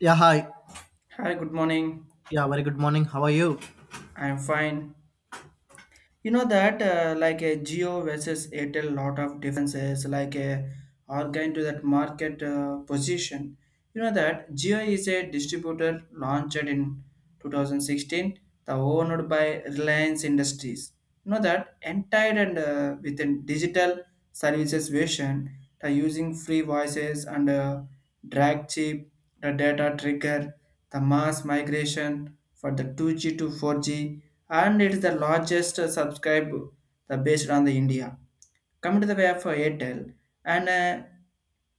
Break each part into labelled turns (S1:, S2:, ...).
S1: Yeah, hi.
S2: Hi, good morning.
S1: Yeah, very good morning. How are you?
S2: I'm fine. You know that like a Geo versus Airtel, lot of differences like a are going to that market position. You know that Geo is a distributor launched in 2016, the owned by Reliance Industries. You know that entire and within digital services version, the using free voices and drag chip the data trigger the mass migration for the 2G to 4G, and it is the largest subscribe the based on the India. Coming to the way of for Airtel, and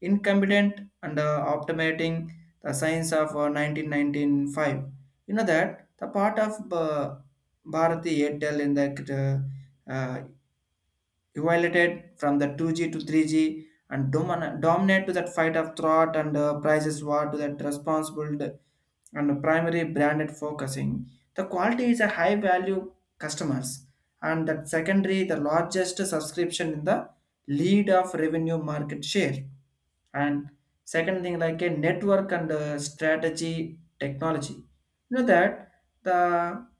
S2: incompetent and optimating the science of 1995. You know that the part of Bharati Airtel in the uh, uh, evaluated from the 2G to 3G and dominate to that fight of thought and prices war to that responsible and primary branded focusing. The quality is a high value customers, and that secondary the largest subscription in the lead of revenue market share, and second thing like a network and strategy technology. You know that the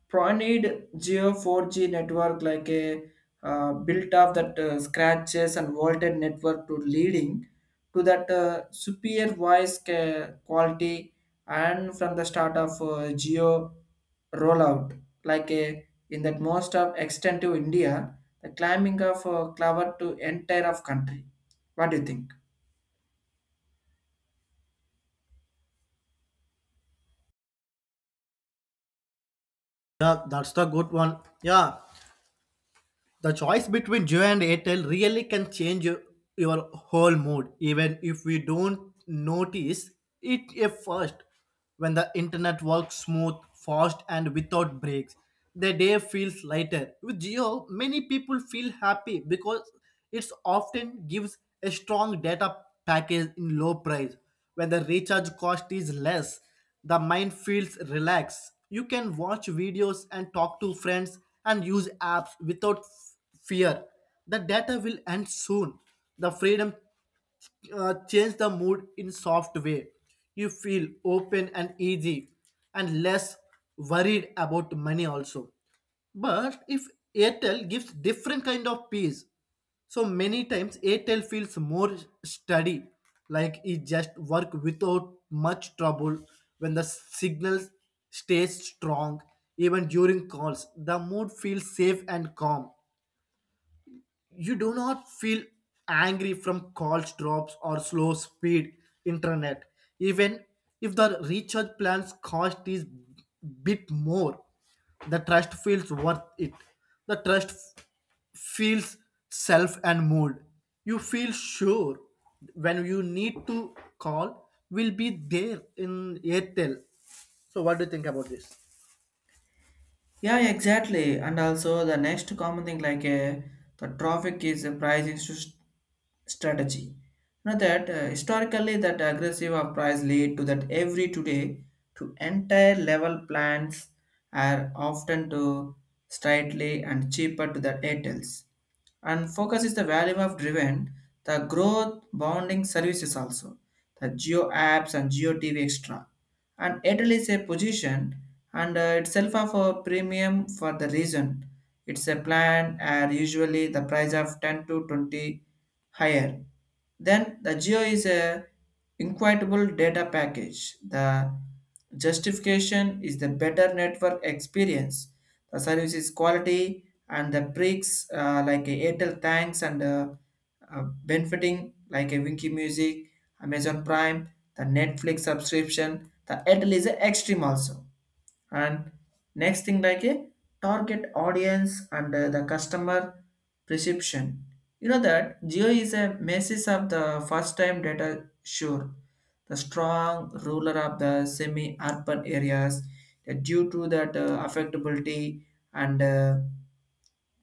S2: pro need geo 4G network like a built up that scratches and vaulted network to leading to that superior voice quality, and from the start of geo rollout like a in that most of extent to india, the climbing of cloud to entire of country. What do you think?
S1: Yeah, that's the good one. Yeah, the choice between Jio and Airtel really can change your whole mood, even if we don't notice it at first. When the internet works smooth, fast, and without breaks, the day feels lighter. With Jio, many people feel happy because it often gives a strong data package in low price when the recharge cost is less, the mind feels relaxed. You can watch videos and talk to friends and use apps without fear. The data will end soon. The freedom change the mood in soft way, you feel open and easy and less worried about money also. But if Airtel gives different kind of peace, so many times Airtel feels more steady, like it just work without much trouble. When the signal stays strong even during calls, the mood feels safe and calm. You do not feel angry from calls drops or slow speed internet. Even if the recharge plans cost is bit more, the trust feels worth it. The trust f- feels self and mood. You feel sure when you need to call will be there in Airtel. So what do you think about this?
S2: Yeah, yeah, exactly. And also the next common thing like the traffic is a pricing strategy. You know that historically that aggressive of price lead to that every today to entire level plans are often to slightly and cheaper to the airtels. And focus is the value of driven the growth bounding services also, the geo apps and geo TV extra, and Airtel is a position and itself of a premium for the reason. It's a plan are usually the price of 10 to 20 higher. Then the Geo is a equitable data package. The justification is the better network experience. The service is quality and the breaks like a Airtel thanks and benefiting like a Winky Music, Amazon Prime, the Netflix subscription, the Airtel is a extreme also. And next thing like a target audience and the customer perception. You know that Geo is a basis of the first time data sure. The strong ruler of the semi-urban areas due to that affectability and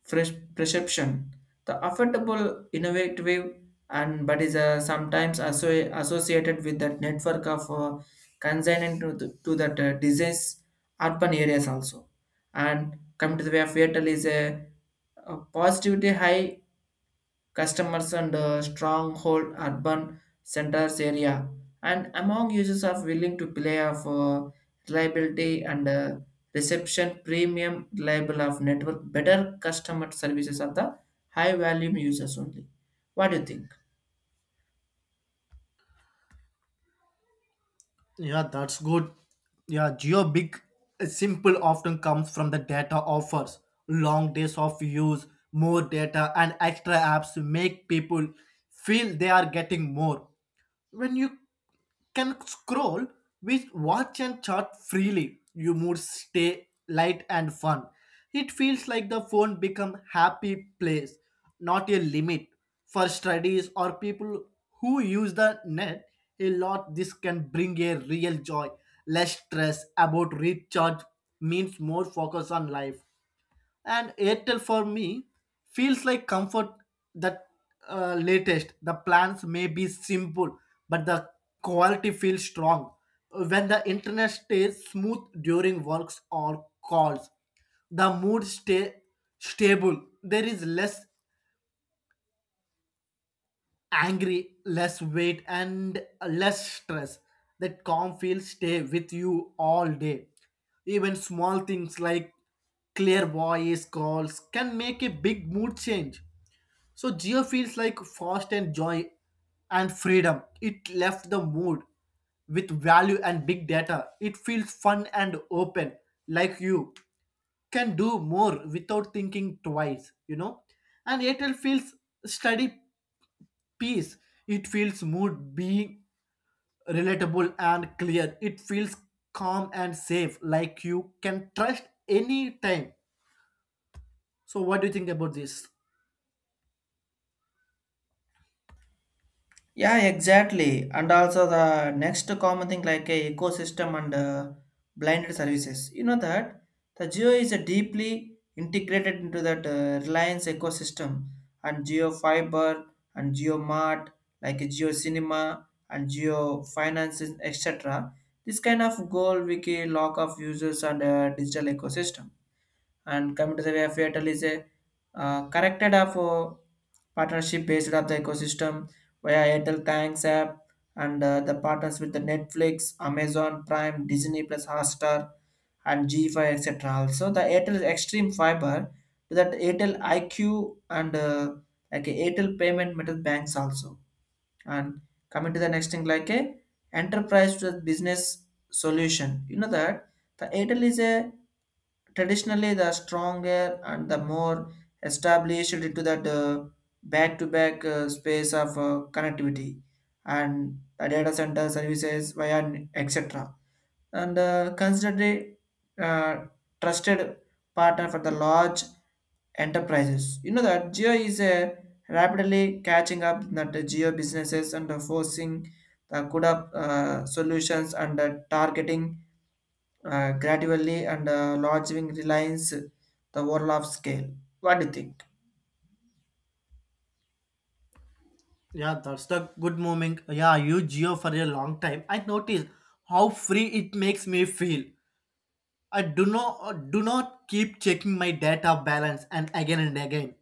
S2: fresh perception. The affordable, innovative, and but is sometimes associated with that network of consignment to, the, to that disease urban areas also. And come to the way of Airtel is a positivity high customers and stronghold urban centers area, and among users are willing to play of reliability and reception premium reliable of network better customer services of the high volume users only. What do you think?
S1: Yeah, that's good. Yeah, Geo big simple often comes from the data offers. Long days of use, more data, and extra apps make people feel they are getting more. When you can scroll with watch and chat freely, you mood stay light and fun. It feels like the phone become happy place, not a limit. For studies or people who use the net a lot, this can bring a real joy. Less stress about recharge means more focus on life. And Airtel for me feels like comfort. That latest the plans may be simple but the quality feels strong. When the internet stays smooth during works or calls, the mood stay stable. There is less angry, less weight, and less stress. That calm feel stay with you all day. Even small things like clear voice calls can make a big mood change. So Geo feels like fast and joy and freedom. It left the mood with value and big data. It feels fun and open, like you can do more without thinking twice, And Airtel feels steady peace. It feels mood being relatable and clear. It feels calm and safe, like you can trust any time. So what do you think about this?
S2: Yeah, exactly. And also the next common thing like a ecosystem and blinded services. You know that the Geo is a deeply integrated into that Reliance ecosystem and Geo Fiber and Geo Mart, like a Geo Cinema and Geo Finances, etc. This kind of goal wiki lock of users and digital ecosystem, and coming to the community FATL is a corrected of partnership based of the ecosystem via Airtel Thanks app and the partners with the Netflix, Amazon Prime, Disney Plus, Hotstar, and G5, etc. Also, the Airtel Extreme Fiber to that Airtel IQ and like a Airtel payment method banks also. And coming to the next thing like a enterprise to the business solution. You know that the Airtel is a traditionally the stronger and the more established into that back-to-back space of connectivity and the data center services via etc, and considered a uh, trusted partner for the large enterprises. You know that geo is rapidly catching up that the geo businesses and forcing the good up solutions and targeting gradually and lodging reliance the overall of scale. What do you think?
S1: Yeah, that's the good moment. Yeah, I use Geo for a long time. I noticed how free it makes me feel. I do not keep checking my data balance and again and again.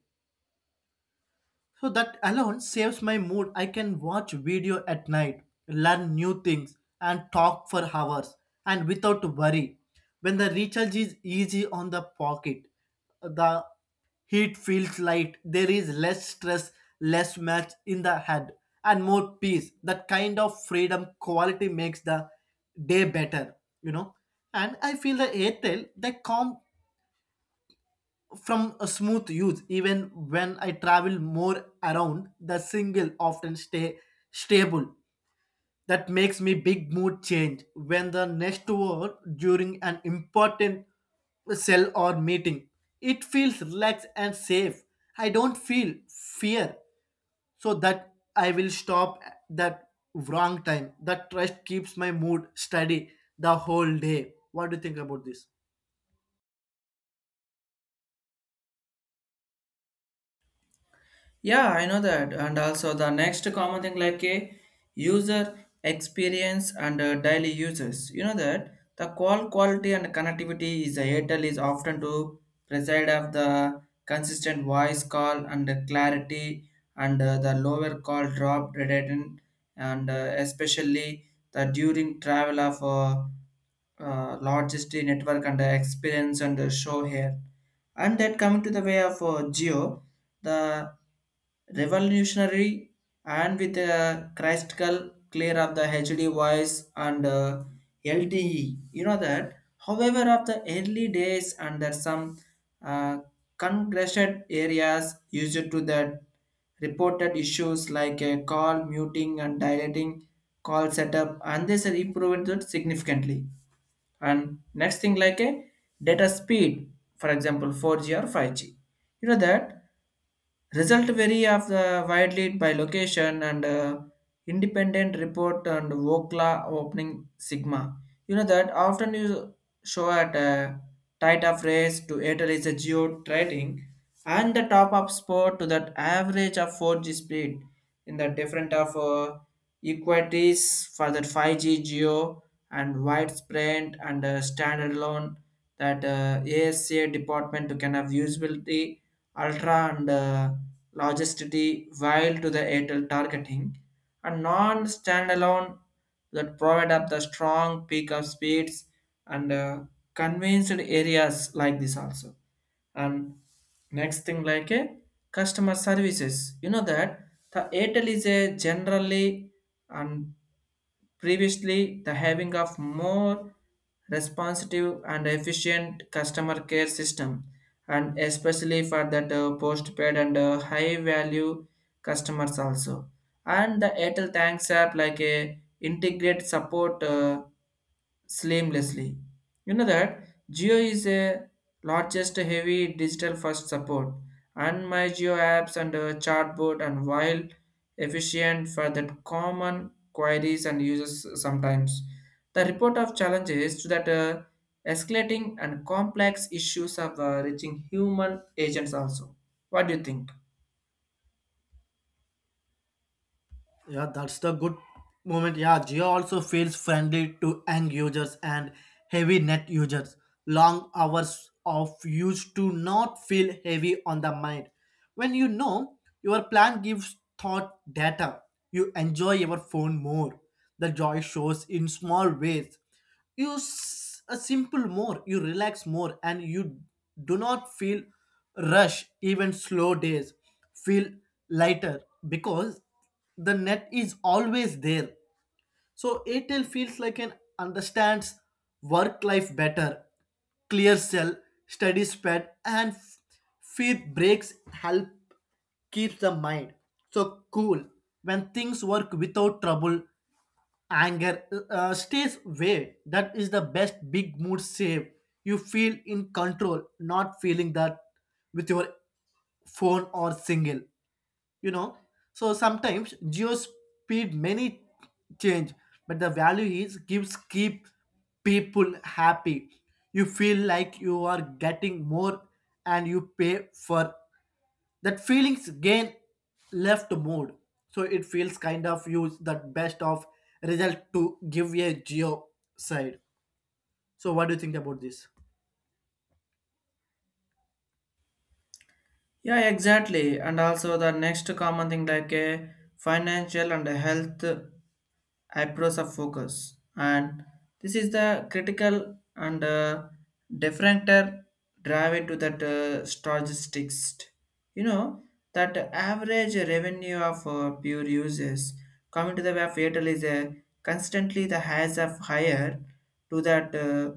S1: So that alone saves my mood. I can watch video at night, learn new things, and talk for hours and without worry. When the recharge is easy on the pocket, the heat feels light. There is less stress, less match in the head, and more peace. That kind of freedom quality makes the day better, you know. And I feel the Airtel, the calm from a smooth use. Even when I travel more around, the single often stay stable. That makes me big mood change. When the next word during an important sell or meeting, it feels relaxed and safe. I don't feel fear so that I will stop at that wrong time. That trust keeps my mood steady the whole day. What do you think about this?
S2: Yeah, I know that. And also the next common thing like a user experience and daily users. You know that the call quality and connectivity is the Airtel is often to preside of the consistent voice call and the clarity and the lower call drop rate and especially the during travel of logistic network and the experience and the show here. And that coming to the way of geo, the revolutionary and with the crystal clear of the hd voice and lte. You know that however of the early days and there some uh, congested areas used to that reported issues like a call muting and dilating call setup, and this improved it significantly. And next thing like a data speed for example 4G or 5G. You know that result vary of the widely by location and independent report and wokla opening sigma. You know that often you show at a tight of race to airtel is a geo trading and the top up sport to that average of 4G speed in the different of equities for that 5G geo and widespread and standalone that ASA department to can have usability, ultra and logicity, while to the Airtel targeting and non-standalone that provide up the strong peak of speeds and convinced areas like this also. And next thing like a customer services. You know that the airtel is a generally and previously the having of more responsive and efficient customer care system, and especially for that postpaid and high value customers also. And the Airtel Thanks app like a integrate support seamlessly. You know that Geo is a largest heavy digital first support, and my Geo apps and chatbot and while efficient for the common queries and users sometimes. The report of challenges to that escalating and complex issues of reaching human agents also. What do you think?
S1: Yeah, that's the good moment. Yeah, Jio also feels friendly to end users and heavy net users. Long hours of use do not feel heavy on the mind. When you know your plan gives thought data, you enjoy your phone more. The joy shows in small ways. A simple more, you relax more, and you do not feel rush. Even slow days feel lighter because the net is always there. So Airtel feels like an understands work life better. Clear cell, steady spread, and feed breaks help keep the mind so cool. When things work without trouble, anger stays away. That is the best big mood save. You feel in control, not feeling that with your phone or single, you know. So sometimes Geo speed many change, but the value is gives keep people happy. You feel like you are getting more and you pay for that feelings gain left mode. So it feels kind of use that best of result to give a Geo side. So what do you think about this?
S2: Yeah, exactly. And also the next common thing like a financial and a health approach of focus. And this is the critical and differentiator drive into that statistics. You know that average revenue of pure users coming to the web fatal is a constantly the highs of higher to that.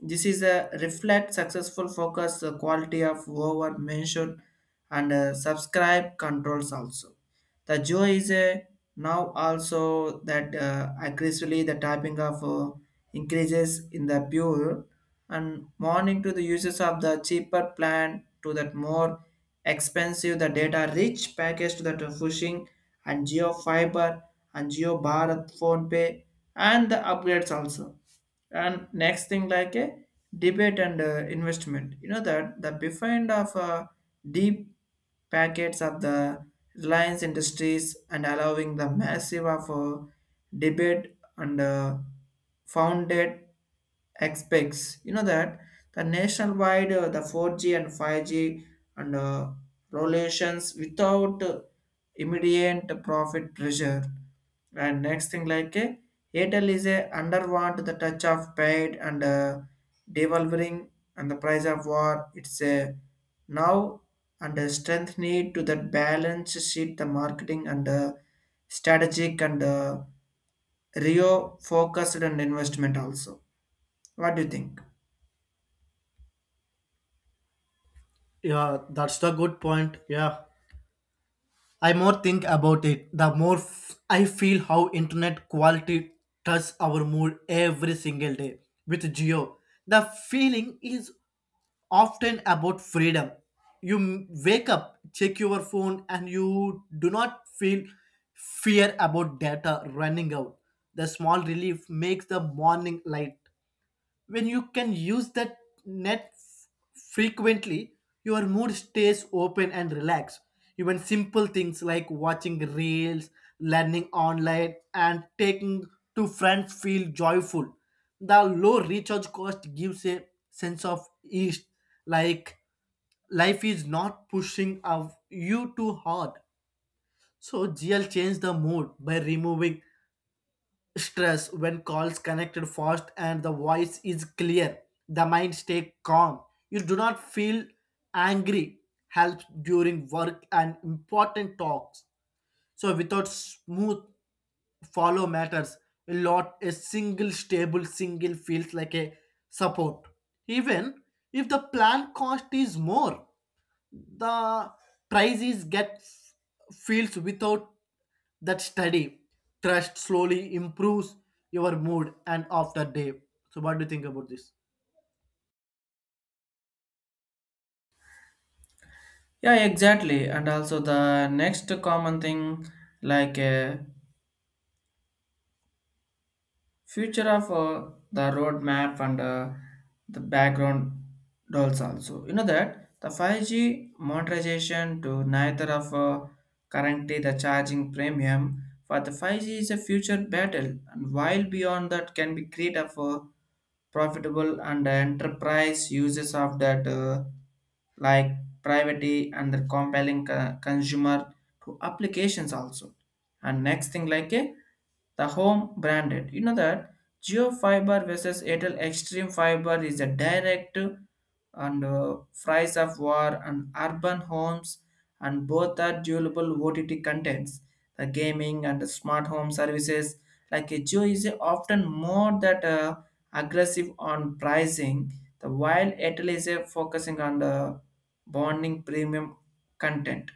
S2: This is a reflect successful focus quality of over mentioned and subscribe controls also. The joy is now also that aggressively the typing of increases in the pure and morning to the uses of the cheaper plan to that more expensive the data rich package to that pushing and geo fiber and geo bharat phone pay and the upgrades also. And next thing like a debate and investment. You know that the behind of deep packets of the reliance industries and allowing the massive of debate and founded expects. You know that the nationwide the 4G and 5G and relations without immediate profit pressure. And next thing like a airtel is a underwant the touch of paid and devolvering and the price of war, it's a now, and a strength need to that balance sheet the marketing and strategic and rio focused and investment also. What do you think?
S1: Yeah, that's the good point. Yeah, I more think about it, the more I feel how internet quality touches our mood every single day. With Geo, the feeling is often about freedom. Wake up, check your phone, and you do not feel fear about data running out. The small relief makes the morning light. When you can use that net frequently, your mood stays open and relaxed. Even simple things like watching reels, learning online, and taking to friends feel joyful. The low recharge cost gives a sense of ease, like life is not pushing of you too hard. So GL changed the mood by removing stress. When calls connected fast and the voice is clear, the mind stay calm. You do not feel angry. Helps during work and important talks. So without smooth follow matters a lot. A single stable single feels like a support. Even if the plan cost is more, the prizes get feels without that study. Trust slowly improves your mood and after day. So what do you think about this?
S2: Yeah, exactly. And also the next common thing like future of the roadmap and the background dolls also. You know that the 5G monetization to neither of currently the charging premium for the 5G is a future battle and while beyond that can be create of profitable and enterprise uses of that like privacy and the compelling consumer to applications also. And next thing like a the home branded. You know that geo fiber versus airtel extreme fiber is a direct and price of war and urban homes, and both are durable ott contents, the gaming and the smart home services, like Jio is often more that aggressive on pricing, the while Airtel is focusing on the bonding premium content.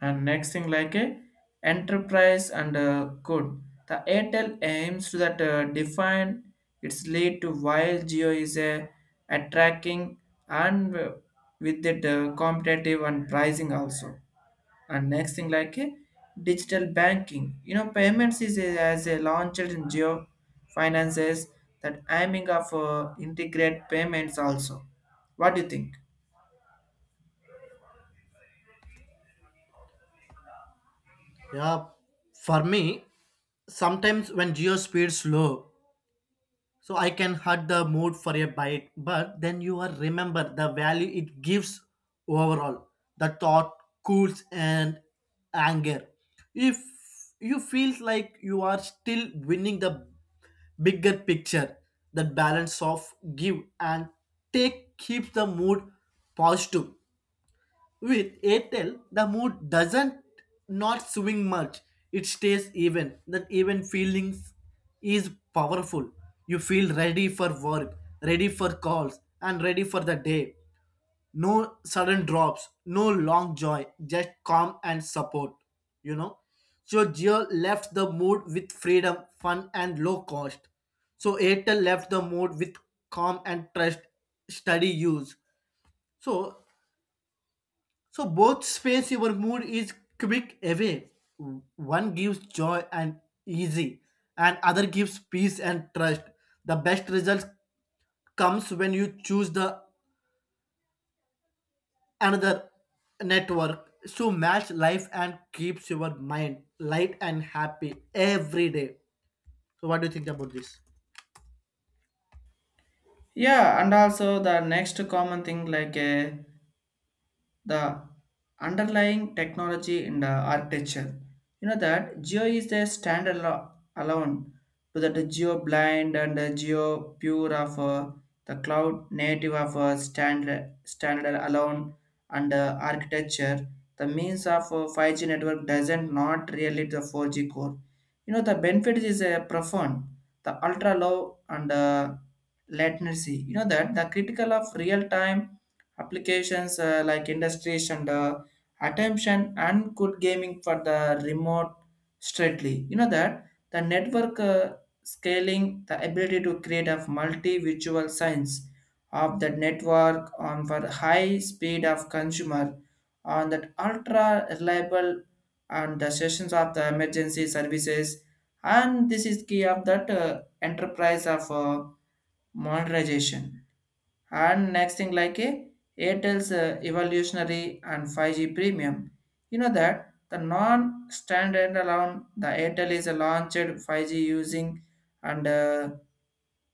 S2: And next thing like a enterprise and good. The Airtel aims to that define its lead to, while Geo is a attracting and with it competitive and pricing also. And next thing like a digital banking. You know payments is a, as a launched in geo finances that aiming of integrate payments also. What do you think?
S1: Yeah, for me, sometimes when Geo speeds low, so I can hurt the mood for a bite. But then you are remember the value it gives overall. The thought cools and anger. If you feel like you are still winning the bigger picture, that balance of give and take keeps the mood positive. With Airtel, the mood doesn't not swing much. It stays even. That even feelings is powerful. You feel ready for work, ready for calls, and ready for the day. No sudden drops, no long joy, just calm and support, you know. So Jio left the mood with freedom, fun and low cost. So Airtel left the mood with calm and trust, steady use. So so both space your mood is quick away. One gives joy and easy, and other gives peace and trust. The best result comes when you choose the another network to match life and keeps your mind light and happy every day. So, what do you think about this?
S2: Yeah, and also the next common thing like a the underlying technology in the architecture. You know that Geo is the standard alone to that Geo blind and Geo pure of the cloud native of standard alone and architecture. The means of 5G network doesn't not really the 4G core. You know the benefit is profound. The ultra low and latency. You know that the critical of real time applications like industries and attention and good gaming for the remote straightly. You know that the network scaling the ability to create a multi-visual science of the network on for high speed of consumer on that ultra reliable and the sessions of the emergency services, and this is key of that enterprise of monetization and next thing like a Airtel's evolutionary and 5G premium. You know that the non-standard alone the Airtel is a launched 5G using and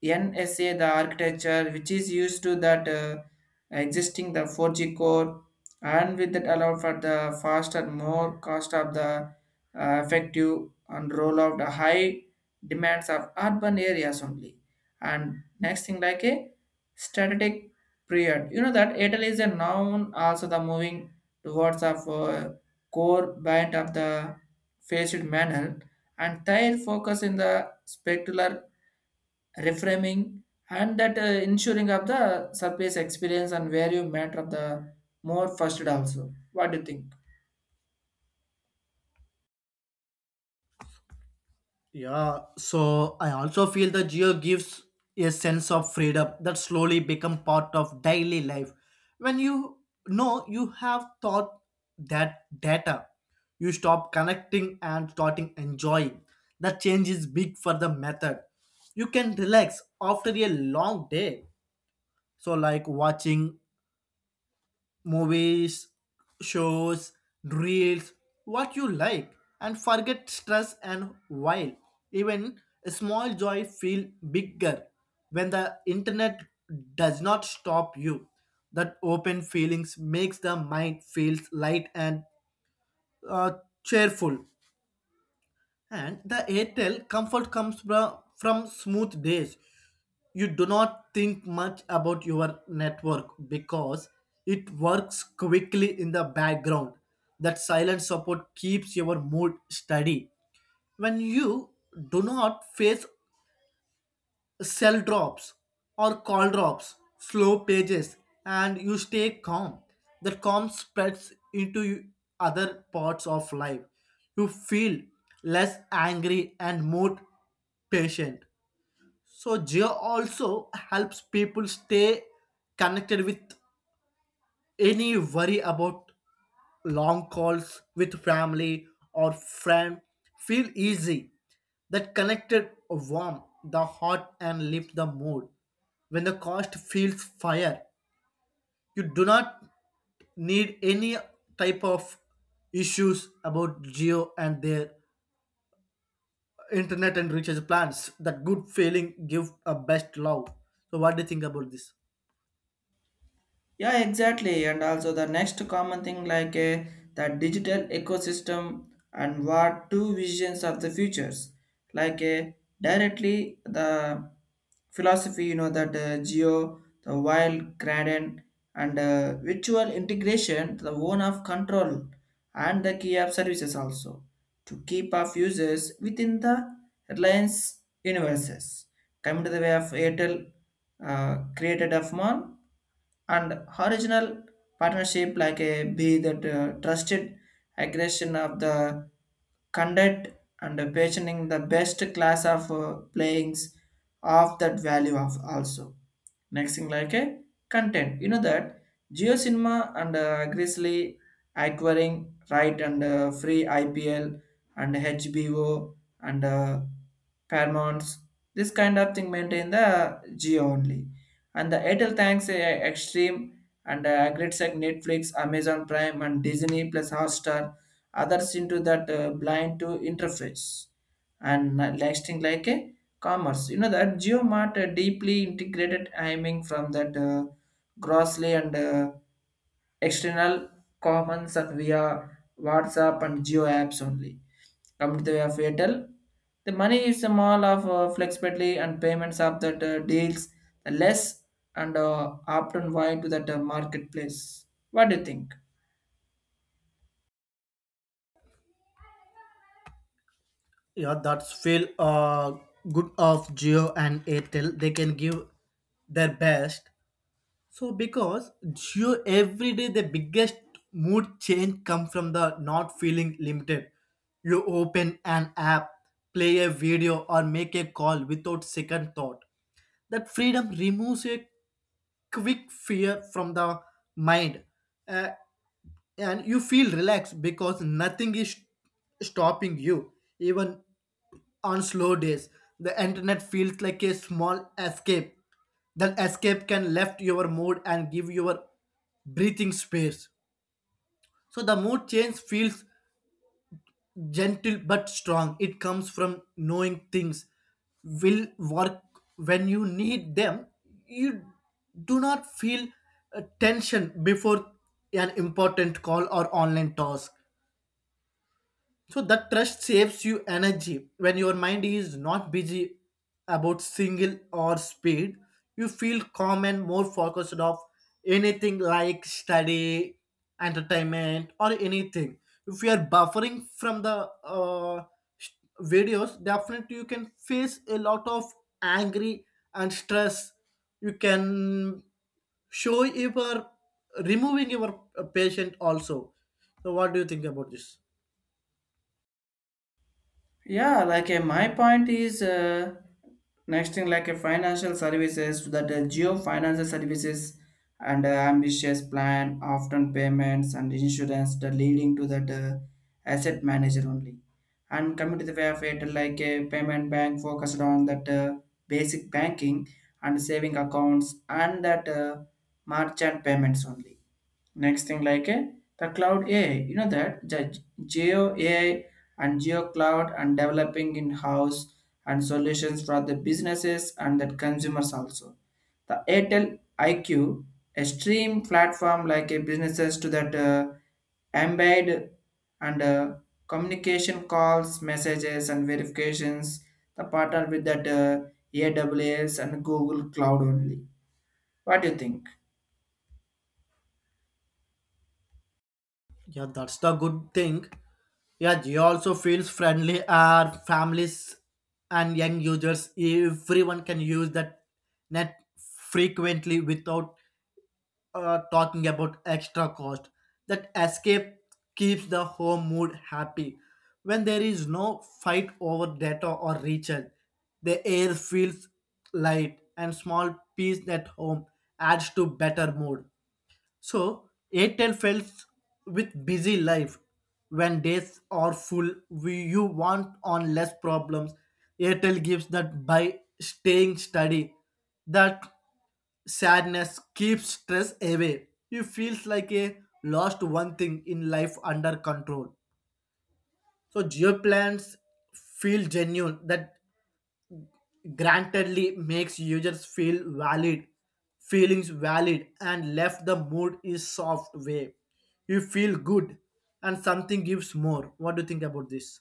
S2: NSA, the architecture which is used to that existing the 4G core, and with that allow for the faster, more cost of the effective and roll out the high demands of urban areas only. And next thing like a static period. You know that Airtel is a noun also the moving towards of core band of the phased manner and their focus in the specular reframing and that ensuring of the surface experience and where you matter of the more first also, what do you think?
S1: Yeah, so I also feel the Geo gives a sense of freedom that slowly become part of daily life. When you know you have thought that data, you stop connecting and starting enjoying. The change is big for the method. You can relax after a long day. So like watching movies, shows, reels, what you like, and forget stress and while. Even a small joy feel bigger when the internet does not stop you. That open feelings makes the mind feels light and uh, cheerful. And the Airtel comfort comes from smooth days. You do not think much about your network because it works quickly in the background. That silent support keeps your mood steady. When you do not face cell drops or call drops, slow pages, and you stay calm, that calm spreads into other parts of life. You feel less angry and more patient. So Geo also helps people stay connected with any worry about long calls with family or friend. Feel easy. That connected warm the heart and lift the mood. When the cost feels fire, you do not need any type of issues about Geo and their internet and recharge plans. That good feeling give a best love. So what do you think about this?
S2: Yeah, exactly. And also the next common thing like the digital ecosystem and what two visions of the futures. Like directly the philosophy, you know, that geo, the wild gradient and virtual integration, the one of control and the key of services also to keep of users within the Reliance universes. Coming to the way of Airtel created of mall and horizontal partnership like a be that trusted aggression of the conduct and pationing the best class of playings of that value of also next thing like a content. You know that geo cinema and grizzly acquiring right and free ipl and hbo and paramount's this kind of thing maintain the geo only, and the Airtel thanks Extreme and great like Netflix, Amazon Prime, and Disney plus Hotstar, others into that blind to interface and lasting like a commerce. You know that GeoMart deeply integrated aiming from that grossly and External commons are via WhatsApp and Geo apps only. Come to the way of Airtel, the money is small of flexibility and payments of that deals less and often wide to that marketplace. What do you think?
S1: Yeah, that's feel good of Geo and Airtel. They can give their best. So because Geo every day, the biggest mood change come from the not feeling limited. You open an app, play a video, or make a call without second thought. That freedom removes a quick fear from the mind, uh, and you feel relaxed because nothing is stopping you. Even on slow days, the internet feels like a small escape. That escape can lift your mood and give your breathing space. So the mood change feels gentle but strong. It comes from knowing things will work when you need them. You do not feel tension before an important call or online task. So that trust saves you energy when your mind is not busy about single or speed. You feel calm and more focused of anything like study, entertainment, or anything. If you are buffering from the sh- videos, definitely you can face a lot of angry and stress. You can show you are removing your patient also. So what do you think about this?
S2: Yeah, like my point is next thing like a financial services to that geo financial services and ambitious plan, often payments and insurance that leading to that asset manager only. And coming to the way of it, like a payment bank focused on that basic banking and saving accounts and that merchant payments only. Next thing like a the cloud AI, you know that the geo AI and geo cloud and developing in house and solutions for the businesses and the consumers also. The Airtel IQ, a stream platform like a businesses to that embed and communication calls, messages and verifications. The partner with that AWS and Google Cloud only. What do you think?
S1: Yeah, that's the good thing. Yeah, Jio also feels friendly are families and young users. Everyone can use that net frequently without talking about extra cost. That escape keeps the home mood happy. When there is no fight over data or recharge, the air feels light and small peace at home adds to better mood. So Airtel felt with busy life. When days are full, we, you want on less problems. Airtel gives that by staying steady. That sadness keeps stress away. You feels like a lost one thing in life under control. So Geo plans feel genuine. That grantedly makes users feel valid. Feelings valid and left the mood is soft way. You feel good and something gives more. What do you think about this?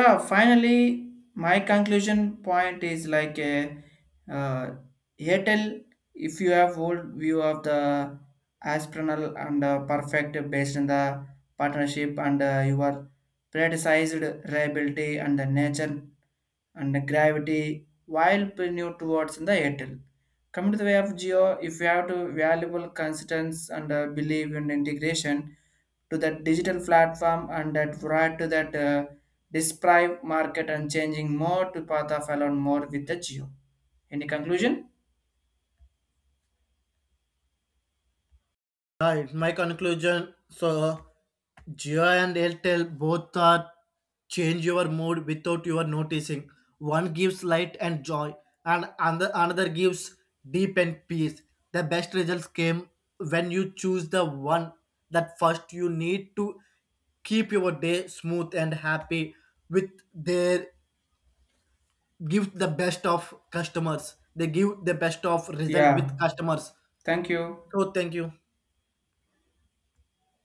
S2: Yeah, finally, my conclusion point is like a uh, Airtel. If you have old view of the aspirinal and perfect based on the partnership and your predisized reliability and the nature and the gravity while new towards in the Airtel. Coming to the way of Geo, if you have to valuable constants and believe in integration, to that digital platform and that right to that display market and changing more to path of alone more with the geo. Any conclusion?
S1: Right, my conclusion. So, Jio and Airtel both are change your mood without your noticing. One gives light and joy, and another gives deep and peace. The best results came when you choose the one that first you need to keep your day smooth and happy with their give the best of customers. They give the best of result with
S2: Yeah.
S1: customers.
S2: Thank you.
S1: So, thank you.